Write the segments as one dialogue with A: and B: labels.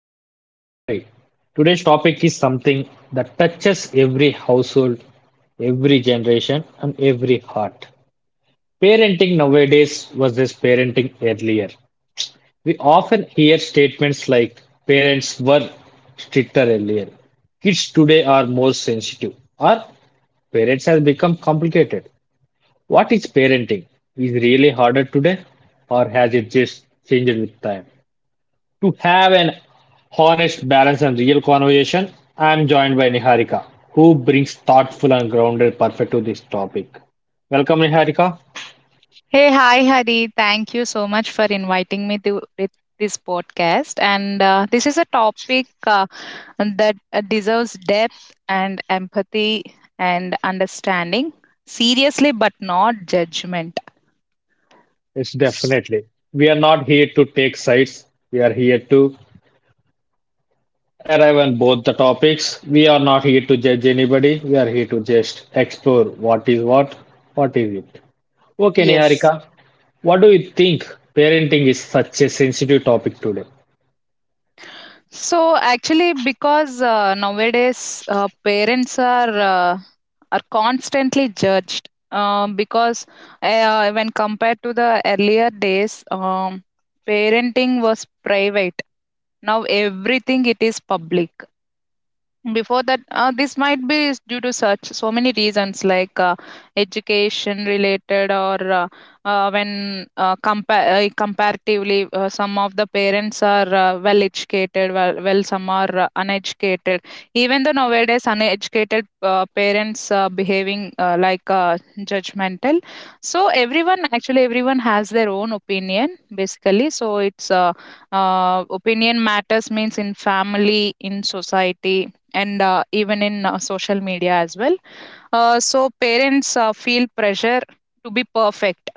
A: host, Hari. Today's topic is something that touches every household, every generation, and every heart. Parenting nowadays versus parenting earlier. We often hear statements like parents were stricter earlier. Kids today are more sensitive. Or parents have become complicated. What is parenting? Is really harder today or has it just changed with time? To have an honest, balanced, and real conversation, I am joined by Niharika, who brings thoughtful and grounded perspective to this topic. Welcome, Niharika.
B: Hey, hi, Hari. Thank you so much for inviting me to with this podcast. And this is a topic that deserves depth and empathy and understanding. Seriously, but not judgment.
A: It's definitely. We are not here to take sides. We are here to arrive on both the topics. We are not here to judge anybody. We are here to just explore what is it. Okay,
B: Yes.
A: Niharika, what do you think parenting is such a sensitive topic today?
B: So actually, because nowadays parents are constantly judged. Because when compared to the earlier days, parenting was private. Now everything it is public. Before that, this might be is due to such so many reasons like education related or when comparatively some of the parents are well educated, well, some are uneducated. Even though nowadays uneducated parents behaving like judgmental, so everyone, actually, everyone has their own opinion basically. So it's opinion matters means in family, in society, and even in social media as well. So parents feel pressure to be perfect.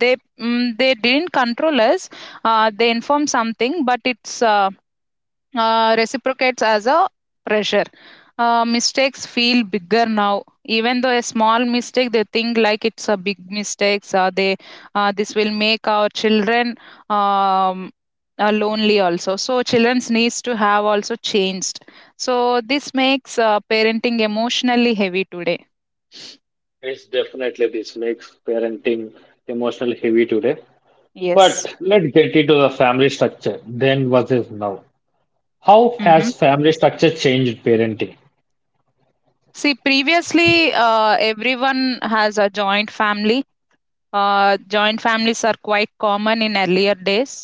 B: They didn't control us. They inform something, but it's reciprocates as a pressure. Mistakes feel bigger now. Even though a small mistake, they think like it's a big mistake. So they this will make our children um, lonely also. So children's needs to have also changed. So this makes parenting emotionally heavy today.
A: It's definitely this makes parenting emotional heavy today.
B: Yes.
A: But let's get into the family structure then versus now. How
B: hmm
A: has family structure changed parenting?
B: See, previously, everyone has a joint family. Joint families are quite common in earlier days,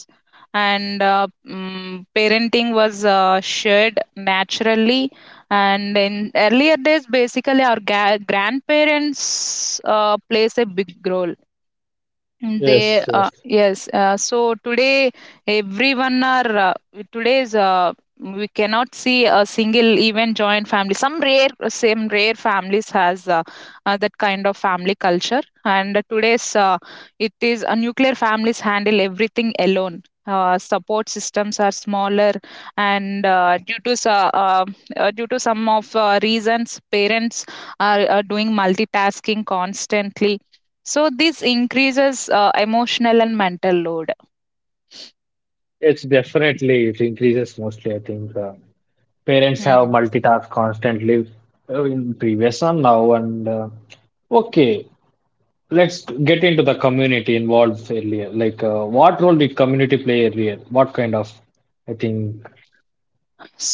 B: and parenting was shared naturally. And in earlier days, basically, our grandparents plays a big role. They
A: Yes, yes.
B: Yes. So today, everyone are today's. We cannot see a single even joint family. Some rare, same rare families has that kind of family culture. And today's it is Nuclear families handle everything alone. Support systems are smaller, and due to uh, some of reasons, parents are doing multitasking constantly, so this increases emotional and mental load.
A: It's definitely it increases mostly. I think parents have
B: Mhm.
A: multitask constantly in previous and now and okay. Let's get into the community involved earlier. Like, what role did community play earlier? What kind of, I think.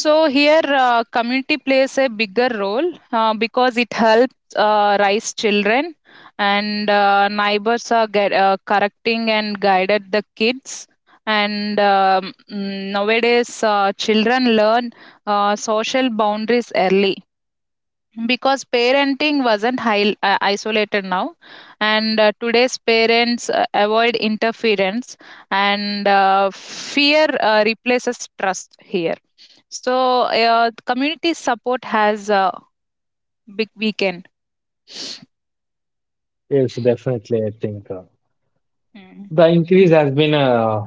B: So here, community plays a bigger role because it helps raise children, and neighbors are correcting and guided the kids. And nowadays, children learn social boundaries early. Because parenting wasn't high isolated now, and today's parents avoid interference, and fear replaces trust here. So, community support has a big weekend.
A: Yes, definitely. I think
B: Mm.
A: the increase has been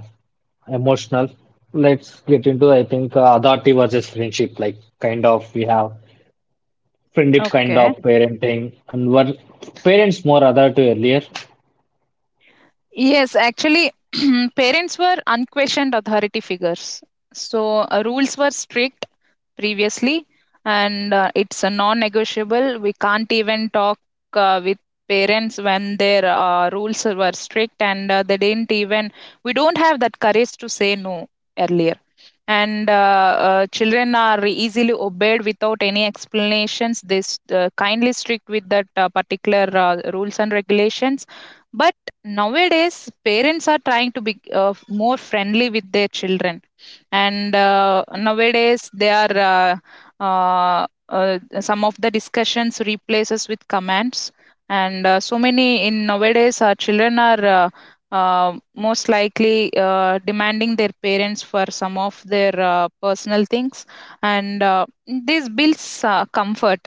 A: emotional. Let's get into, I think, authority versus friendship. Like, kind of, we have friendship, kind
B: Okay.
A: of parenting, and were parents more authority earlier.
B: Yes, actually, parents were unquestioned authority figures. So, rules were strict previously, and it's a non-negotiable. We can't even talk with parents when their rules were strict, and they didn't even. We don't have that courage to say no earlier, and children are easily obeyed without any explanations. They kindly strict with that particular rules and regulations. But nowadays parents are trying to be more friendly with their children, and nowadays they are some of the discussions replaces with commands, and so many in nowadays children are most likely demanding their parents for some of their personal things, and this builds comfort,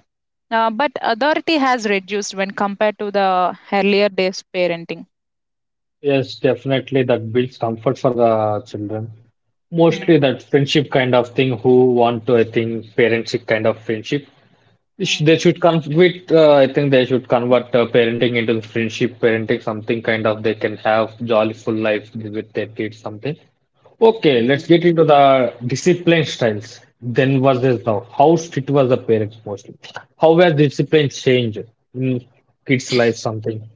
B: but authority has reduced when compared to the earlier days parenting.
A: Yes, definitely, that builds comfort for the children.
B: Mm,
A: Mostly that friendship kind of thing, who want to, I think, parentship kind of friendship.
B: mm,
A: They should convert. I think they should convert parenting into friendship parenting, something kind of they can have jolly full life with their kids, something. Okay, let's
B: mm.
A: get into the discipline styles. Then versus now. How strict was the parents mostly? How were discipline changed in kids' life? Something.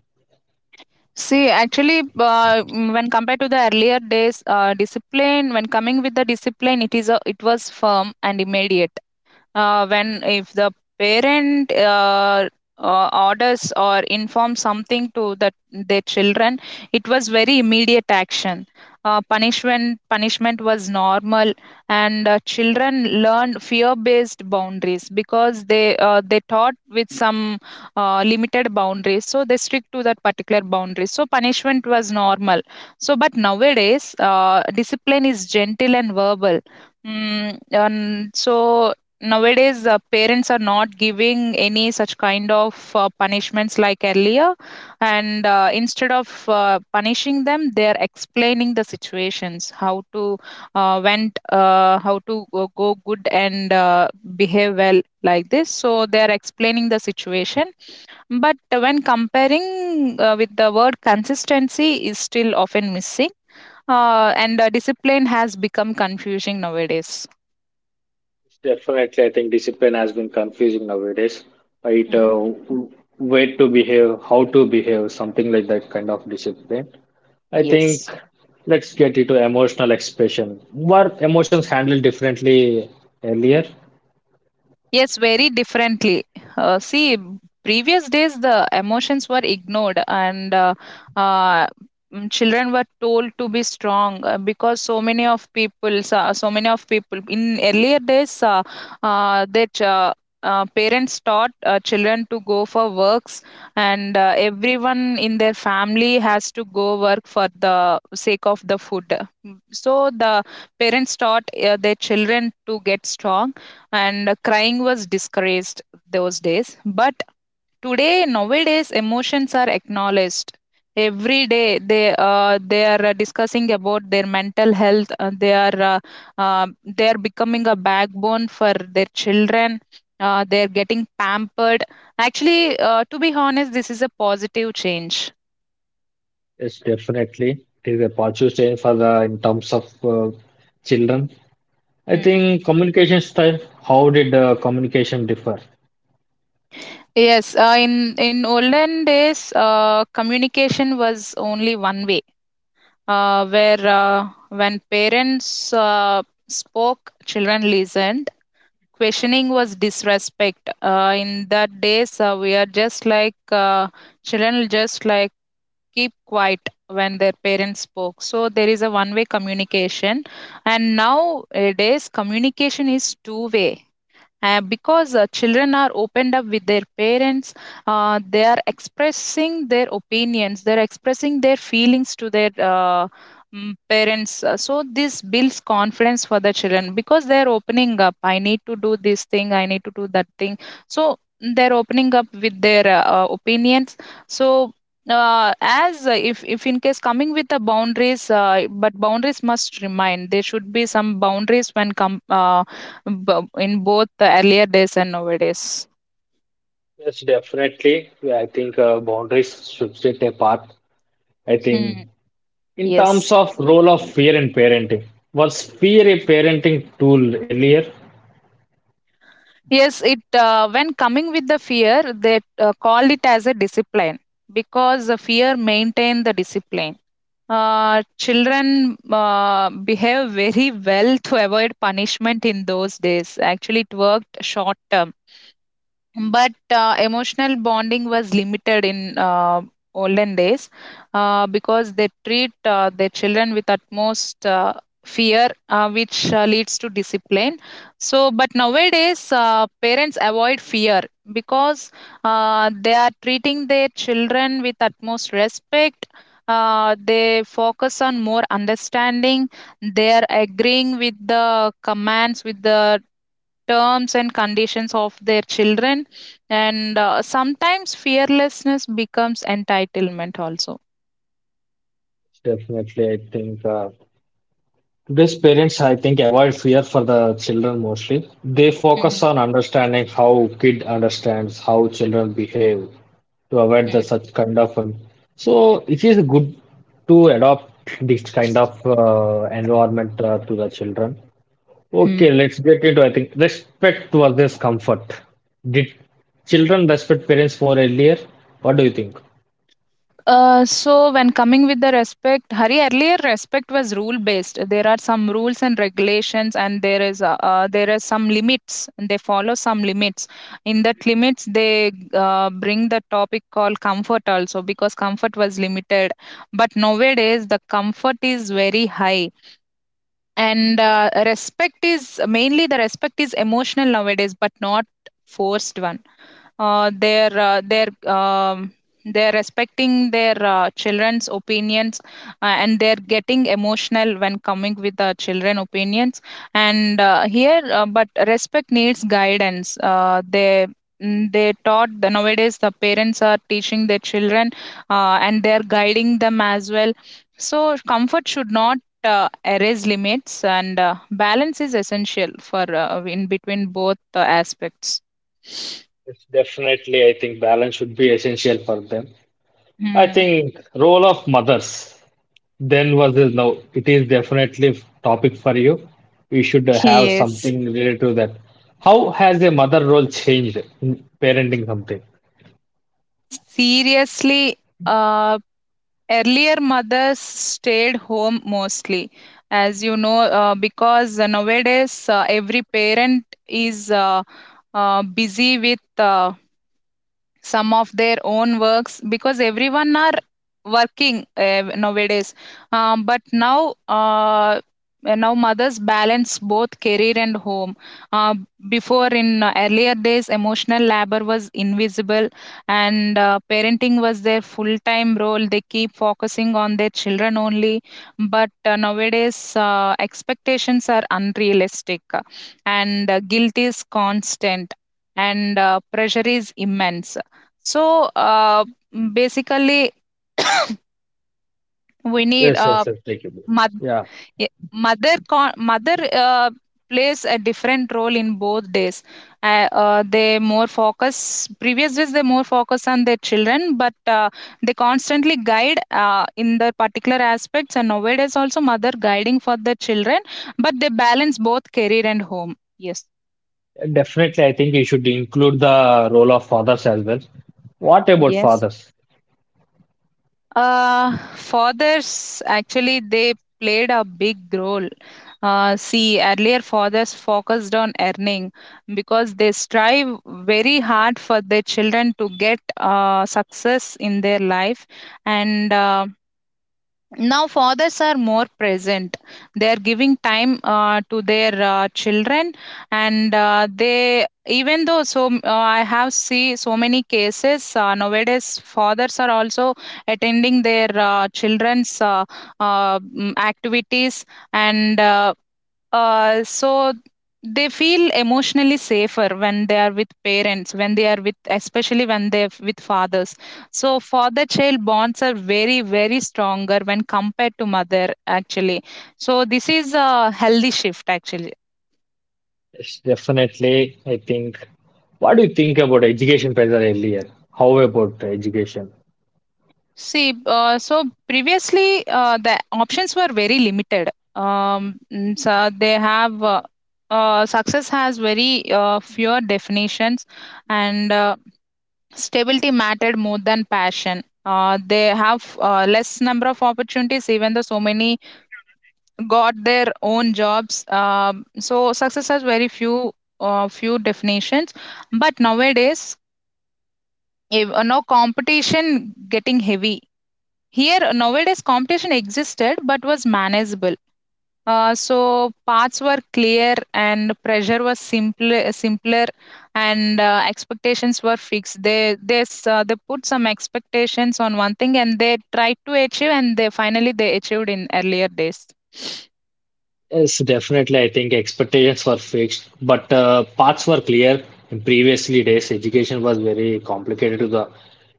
B: See, actually, when compared to the earlier days, discipline, when coming with the discipline, it was firm and immediate. When if the parent orders or informs something to the their children, it was very immediate action. Punishment was normal, and children learned fear-based boundaries because they taught with some limited boundaries, so they stick to that particular boundary. So punishment was normal. So, but nowadays, discipline is gentle and verbal. Mm, and so nowadays parents are not giving any such kind of punishments like earlier, and instead of punishing them, they are explaining the situations how to went how to go good, and behave well like this. So they are explaining the situation, but when comparing with the word, consistency is still often missing, and discipline has become confusing nowadays.
A: Definitely, I think discipline has been confusing nowadays. Right,
B: Mm.
A: way to behave, how to behave, something like that kind of discipline. I
B: Yes.
A: think let's get into emotional expression. Were emotions handled differently earlier?
B: Yes, very differently. See, previous days the emotions were ignored, and uh, children were told to be strong because so many of people, so many of people in earlier days, their parents taught children to go for works, and everyone in their family has to go work for the sake of the food. So the parents taught their children to get strong, and crying was discouraged those days. But today, nowadays, emotions are acknowledged. Every day they are discussing about their mental health. They are becoming a backbone for their children. They are getting pampered, actually. To be honest, this is a positive change.
A: Yes, definitely. It is a positive change for the in terms of children. I
B: Hmm.
A: think communication style, how did communication differ?
B: Yes, in olden days, communication was only one way, where when parents spoke, children listened. Questioning was disrespect. In that days, we are just like children, just like keep quiet when their parents spoke. So there is a one-way communication, and nowadays communication is two-way, because children are opened up with their parents. They are expressing their opinions, they're expressing their feelings to their parents. So this builds confidence for the children because they're opening up. I need to do this thing, I need to do that thing. So they're opening up with their opinions. So uh, as if in case coming with the boundaries, but boundaries must remain. There should be some boundaries when come in both the earlier days and nowadays.
A: Yes, definitely. Yeah, I think boundaries should set a part. I think
B: Hmm.
A: in terms
B: Yes.
A: of role of fear in parenting, was fear a parenting tool earlier?
B: Yes, it when coming with the fear, they call it as a discipline because the fear maintain the discipline. Children behave very well to avoid punishment in those days. Actually, it worked short term. But, emotional bonding was limited in olden days, because they treat their children with utmost fear, which leads to discipline. So, but nowadays, parents avoid fear because they are treating their children with utmost respect. They focus on more understanding. They are agreeing with the commands, with the terms and conditions of their children, and sometimes fearlessness becomes entitlement also.
A: Definitely, I think today's parents, I think, avoid fear for the children mostly. They
B: Hmm.
A: focus on understanding how kid understands how children behave to avoid the
B: Hmm.
A: such kind of. Um, so it is good to adopt this kind of environment to the children. Okay,
B: Hmm.
A: let's get into I think respect versus comfort. Did children respect parents more earlier? What do you think?
B: So when coming with the respect, Hari, earlier respect was rule based. There are some rules and regulations, and there are some limits, and they follow some limits. In that limits, they bring the topic called comfort also because comfort was limited. But nowadays the comfort is very high, and respect is emotional nowadays, but not forced one. Uh, they're uh, they're um, they're respecting their children's opinions, and they're getting emotional when coming with the children opinions. And here, but respect needs guidance. They mm, they taught the Nowadays the parents are teaching their children, and they're guiding them as well. So comfort should not erase limits, and balance is essential for in between both aspects.
A: It's definitely, I think balance should be essential for them. I
B: Hmm.
A: think role of mothers then versus now. It is definitely topic for you. You should have
B: Yes.
A: something related to that. How has a mother role changed in parenting something?
B: Seriously, uh, earlier mothers stayed home mostly, as you know, because nowadays every parent is busy with some of their own works because everyone are working nowadays. But now mothers balance both career and home. uh, Before, in earlier days, emotional labor was invisible, and parenting was their full time role. They keep focusing on their children only. But nowadays expectations are unrealistic, and guilt is constant, and pressure is immense. So, basically, we need
A: Yes, yes, yes. Thank you.
B: moth-
A: Yeah.
B: eh, mother con- mother plays a different role in both days. They more focus on their children, but they constantly guide in their particular aspects. And nowadays also mother guiding for the children, but they balance both career and home. Yes.
A: Definitely, I think we should include the role of fathers as well. What about
B: Yes.
A: fathers?
B: Fathers, actually, they played a big role. See, earlier fathers focused on earning because they strive very hard for their children to get success in their life, and now fathers are more present. They are giving time to their children. And they even though so m- I have see so many cases nowadays fathers are also attending their children's activities, and so they feel emotionally safer when they are with parents, when they are with, especially when they're with fathers. So father child bonds are very, very stronger when compared to mother, actually. So this is a healthy shift, actually.
A: Yes, definitely, I think. What do you think about education pressure earlier? How about education?
B: See, so previously, the options were very limited. Mm, so they have Success has very few definitions, and stability mattered more than passion. They have less number of opportunities, even though so many got their own jobs. So success has very few, few definitions. But nowadays, if, no competition getting heavy. Here nowadays, competition existed but was manageable, so paths were clear and pressure was simpler, and expectations were fixed. They put some expectations on one thing and they tried to achieve, and they finally they achieved in earlier days.
A: Yes, definitely. I think expectations were fixed, but paths were clear. In previously days, education was very complicated to the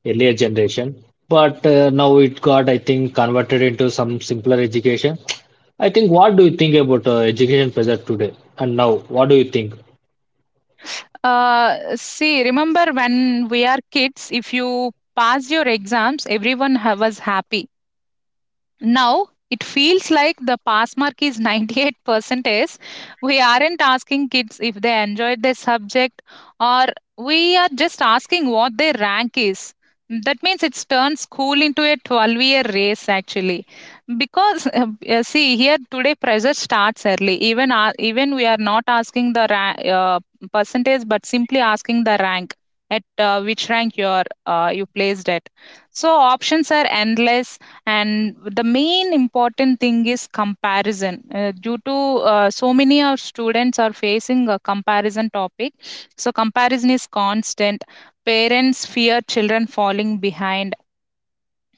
A: earlier generation, but now it got, I think, converted into some simpler education. I think. What do you think about education pressure today and now? What do you think?
B: uh, See, remember when we are kids, if you passed your exams, everyone was happy. Now it feels like the pass mark is 98 percentage. We aren't asking kids if they enjoyed their subject, or we are just asking what their rank is. That means it's turned school into a 12-year race, actually. Because see, here today pressure starts early. Even even we are not asking the percentage, but simply asking the rank at which rank you are you placed at. So options are endless, and the main important thing is comparison, due to so many our students are facing a comparison topic. So comparison is constant. Parents fear children falling behind,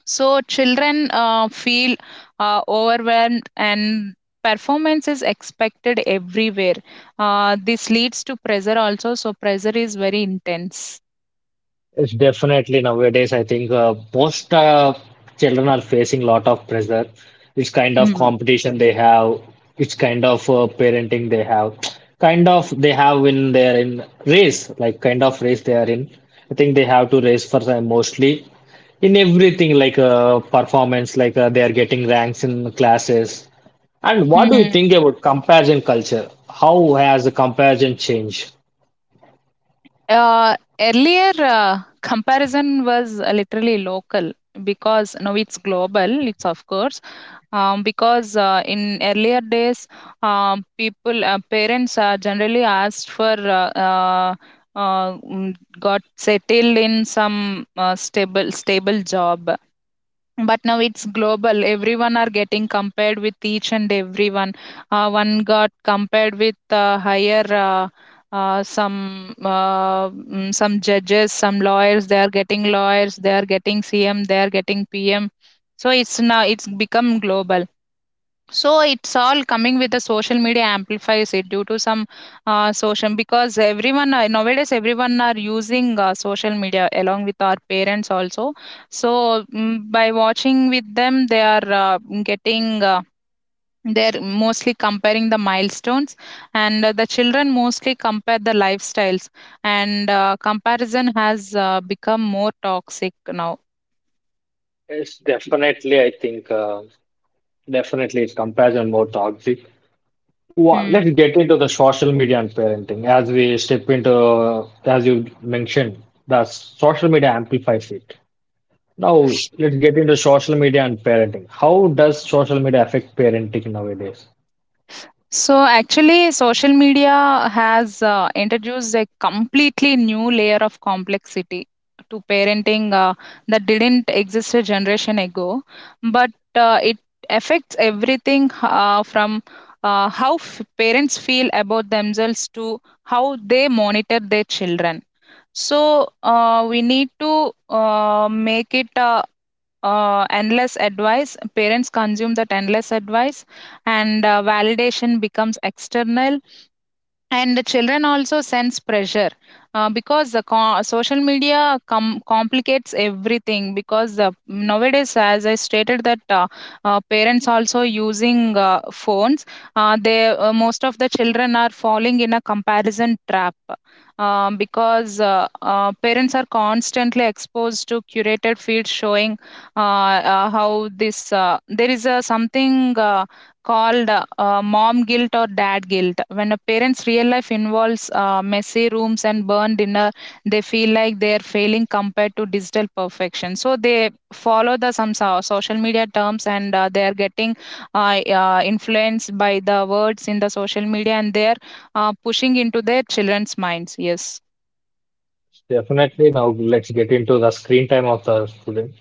B: so children feel overwhelmed, and performance is expected everywhere. This leads to pressure also, so pressure is very intense.
A: It's definitely nowadays, I think most children are facing a lot of pressure. Which kind of competition they have, which kind of parenting they have, kind of they have in their in race, like kind of race they are in. I think they have to race for them mostly in everything, like performance, like they are getting ranks in classes. And what do you
B: Hmm.
A: think about comparison culture? How has the comparison changed?
B: Earlier, comparison was literally local, because now it's global, it's of course. Because in earlier days, people, parents are generally asked for, got settled in some stable job. But now it's global, everyone are getting compared with each and everyone. One got compared with higher, some, some judges, some lawyers they are getting cm, they are getting pm. So it's now it's become global. So it's all coming with the social media amplifies it due to some social, because everyone nowadays everyone are using social media along with our parents also. So by watching with them, they are getting. They're mostly comparing the milestones, and the children mostly compare the lifestyles, and comparison has become more toxic now.
A: It's definitely, I think. Definitely, it's comparison more toxic. Let's
B: Hmm.
A: get into the social media and parenting. As we step into, as you mentioned, the social media amplifies it. Now, let's get into social media and parenting. How does social media affect parenting nowadays?
B: So actually, social media has introduced a completely new layer of complexity to parenting, that didn't exist a generation ago. But it affects everything, from how parents feel about themselves to how they monitor their children. So we need to make it. Endless advice. Parents consume that endless advice, and validation becomes external, and the children also sense pressure, because the social media complicates everything. Because nowadays, as I stated, that parents also using phones. They Most of the children are falling in a comparison trap, because parents are constantly exposed to curated feeds showing how this, there is a something called, mom guilt or dad guilt. When a parent's real life involves messy rooms and burned dinner, they feel like they are failing compared to digital perfection. So they follow the some social media terms, and they are getting influenced by the words in the social media, and they are pushing into their children's minds. Yes.
A: Definitely, now let's get into the screen time of the student.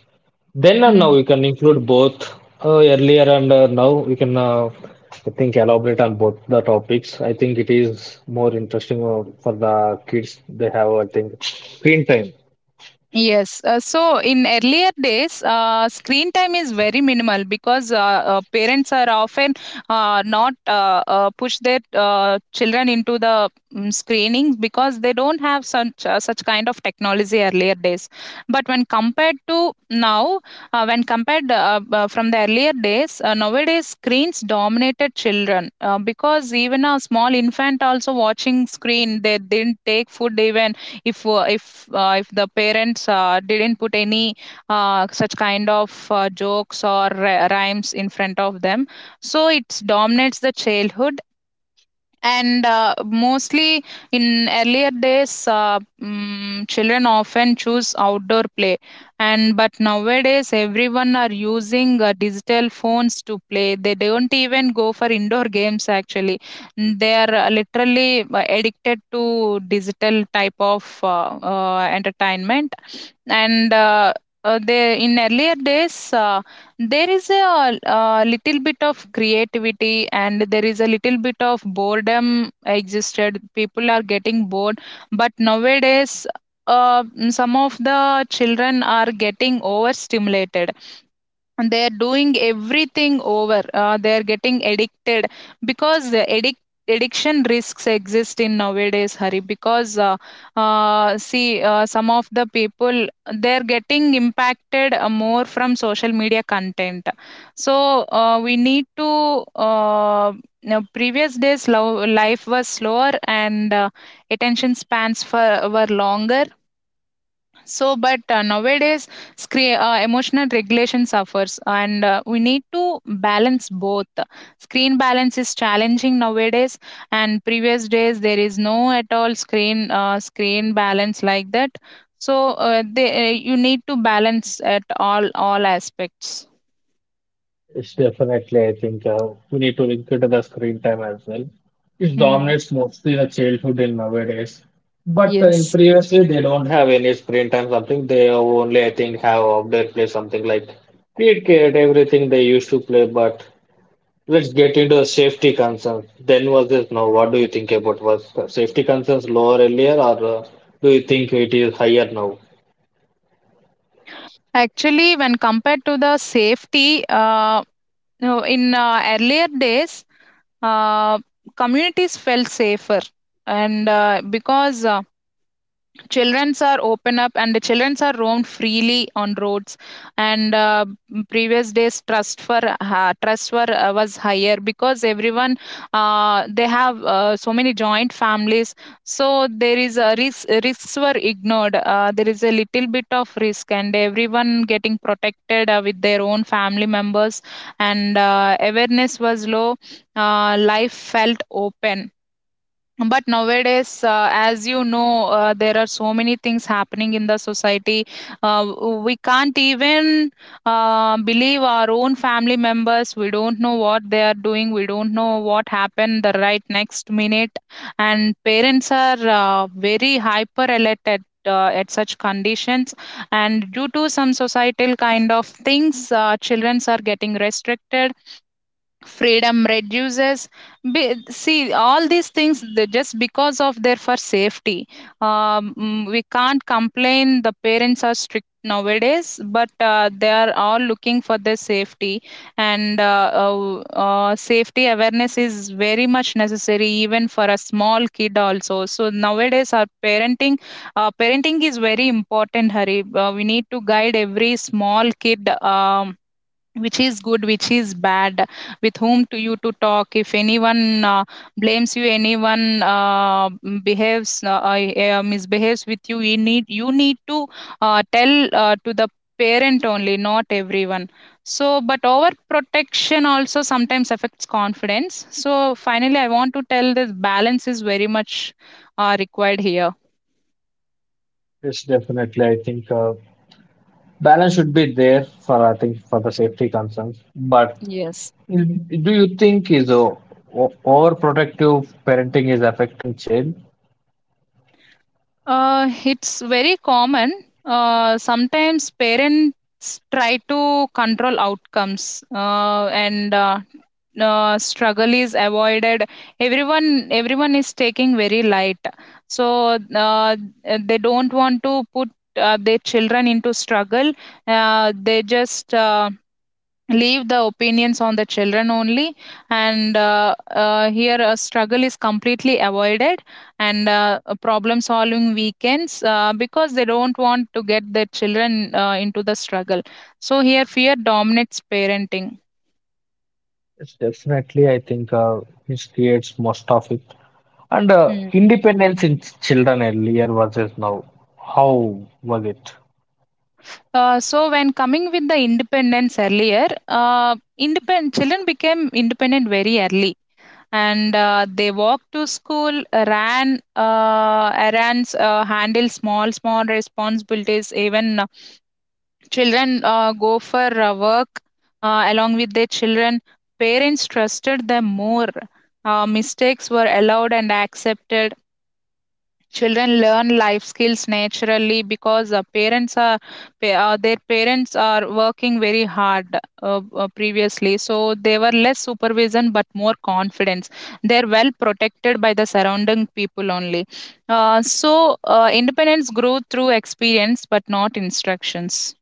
A: Then and now
B: Mm.
A: we can include both earlier and now we can I think elaborate on both the topics. I think it is more interesting for the kids. They have I think screen time.
B: Yes. So in earlier days, screen time is very minimal, because parents are often not push their children into the screening, because they don't have such kind of technology earlier days. But when compared to now, when compared from the earlier days, nowadays screens dominated children, because even a small infant also watching screen. They didn't take food even if the parents didn't put any such kind of jokes or rhymes in front of them, so it dominates the childhood. And mostly in earlier days, children often choose outdoor play. And but nowadays everyone are using digital phones to play, they don't even go for indoor games, actually. Mm, they are literally addicted to digital type of entertainment. And they in earlier days, there is a little bit of creativity, and there is a little bit of boredom existed. People are getting bored, but nowadays, uh, some of the children are getting overstimulated, and they are doing everything over, they are getting addicted, because the addiction risks exist in nowadays hari, because see, some of the people they are getting impacted more from social media content. So we need to uh, now previous days life was slower, and attention spans for, were longer. So, but nowadays, screen, emotional regulation suffers, and we need to balance both. Screen balance is challenging nowadays, and previous days there is no at all screen, screen balance like that. So, you need to balance at all aspects.
A: It's definitely I think we need to link it to the screen time as well. It
B: Hmm.
A: dominates mostly the childhood in nowadays. But in
B: Yes.
A: previously they don't have any screen time something. They only I think have outdoor play something like cricket everything they used to play. But let's get into the safety concerns. Then versus now, what do you think about was the safety concerns lower earlier, or do you think it is higher now?
B: Actually, when compared to the safety, no, in earlier days, uh, communities felt safer, and because childrens are open up, and the childrens are roamed freely on roads. And previous days, trust were was higher, because everyone they have so many joint families. So there is a risks were ignored, there is a little bit of risk, and everyone getting protected with their own family members. And awareness was low, life felt open. But nowadays, as you know, there are so many things happening in the society. Uh, we can't even believe our own family members. We don't know what they are doing. We don't know what happened the right next minute. And parents are very hyper alert at such conditions. And due to some societal kind of things, children are getting restricted, freedom reduces. See, all these things they just because of their for safety. We can't complain the parents are strict nowadays, but they are all looking for their safety. And safety awareness is very much necessary even for a small kid also. So nowadays our parenting, parenting is very important hari, we need to guide every small kid, which is good, which is bad, with whom to you to talk. If anyone blames you, anyone behaves, misbehaves with you, you need to tell to the parent only, not everyone. So but overprotection also sometimes affects confidence. So finally I want to tell this balance is very much required here.
A: Yes, definitely. I think balance should be there for I think for the safety concerns. But
B: Yes.
A: do you think is overprotective parenting is affecting child?
B: It's very common. Sometimes parents try to control outcomes, and struggle is avoided. Everyone is taking very light, so they don't want to put their children into struggle. They just leave the opinions on the children only. And here a struggle is completely avoided, and a problem solving weekends, because they don't want to get their children into the struggle. So here fear dominates parenting.
A: Yes, definitely. I think it creates most of it. And
B: Hmm.
A: independence in children earlier versus now. How was it?
B: So when coming with the independence earlier, independent children became independent very early, and they walk to school, ran errands, handle small, small responsibilities. Even children go for work along with their children. Parents trusted them more. Mistakes were allowed and accepted. Children learn life skills naturally, because parents are their parents are working very hard previously. So they were less supervision but more confidence. They're well protected by the surrounding people only. So independence grew through experience but not instructions.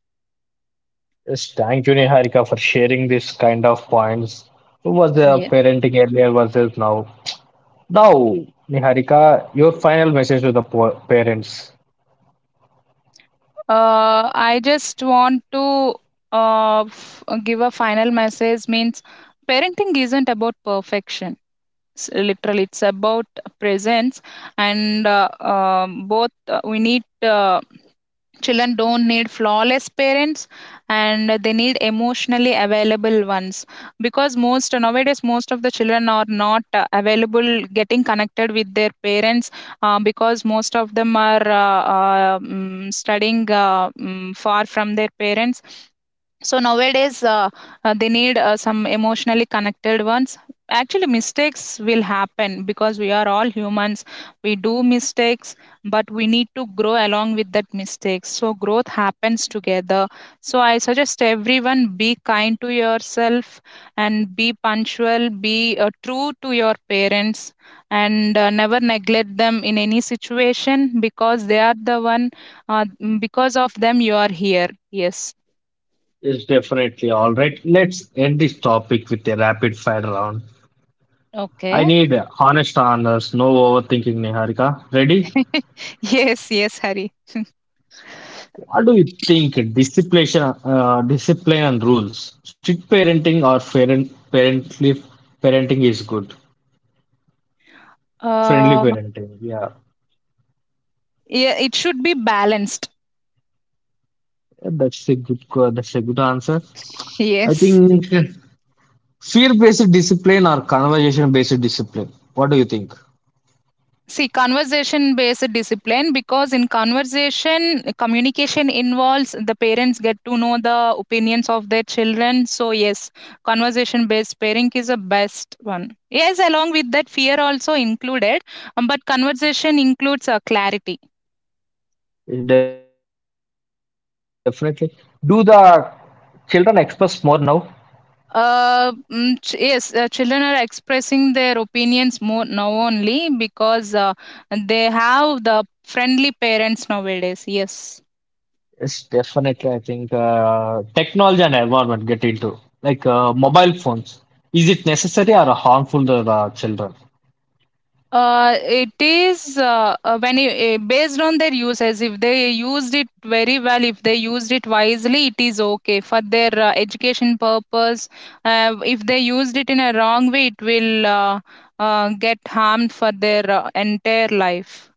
A: Yes, thank you, Niharika, for sharing this kind of points. Was the
B: Yeah.
A: parenting earlier versus now? Now, Niharika, your final message to the parents
B: I just want to give a final message means parenting isn't about perfection. Literally it's about presence. And both we need, children don't need flawless parents, and they need emotionally available ones. Because most nowadays, most of the children are not available getting connected with their parents, because most of them are studying far from their parents. So nowadays, they need some emotionally connected ones. Actually, mistakes will happen because we are all humans. We do mistakes, but we need to grow along with that mistake. So growth happens together. So I suggest everyone be kind to yourself, and be punctual, be true to your parents, and never neglect them in any situation, because they are the one. Uh, because of them, you are here. Yes.
A: is definitely all right. Let's end this topic with a rapid fire round. I
B: Okay.
A: need honest answers, no overthinking, Niharika. Ready?
B: Yes, yes, Hari.
A: What do you think? Discipline, discipline and rules. Strict parenting or parently parenting is good. Friendly
B: uh
A: parenting, yeah.
B: yeah, it should be balanced.
A: Yeah, that's a that's a good answer. I
B: Yes,
A: think fear-based discipline or conversation-based discipline. What do you think?
B: see, conversation based discipline, because in conversation communication involves the parents get to know the opinions of their children. So yes, conversation based pairing is the best one. Yes, along with that fear also included. But conversation includes a clarity.
A: Yes, definitely. Do the children express more now?
B: Yes, children are expressing their opinions more now only, because they have the friendly parents nowadays. Yes.
A: Yes, definitely. I think technology and environment get into like mobile phones. Is it necessary or harmful to the children?
B: It is, when you, based on their usage. If they used it very well, if they used it wisely, it is okay for their education purpose. If they used it in a wrong way, it will get harmed for their entire life.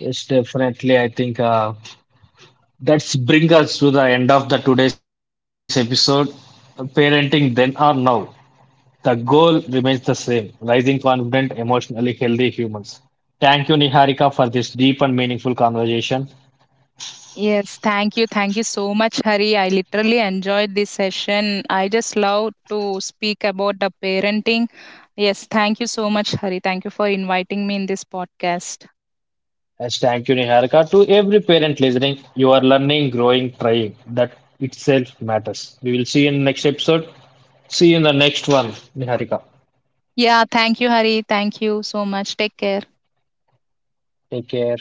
A: Yes, definitely. I think that's bring us to the end of the today's episode. Parenting then or now. The goal remains the same, raising confident, emotionally healthy humans. Thank you, Niharika, for this deep and meaningful conversation.
B: Yes, thank you. Thank you so much, Hari. I literally enjoyed this session. I just love to speak about the parenting. Yes, thank you so much, Hari. Thank you for inviting me in this podcast.
A: And thank you, Niharika, to every parent listening. You are learning, growing, trying. That itself matters. We will see you in the next episode. See you in the next one, Niharika.
B: Yeah, thank you, Hari. Thank you so much. Take care.
A: Take care.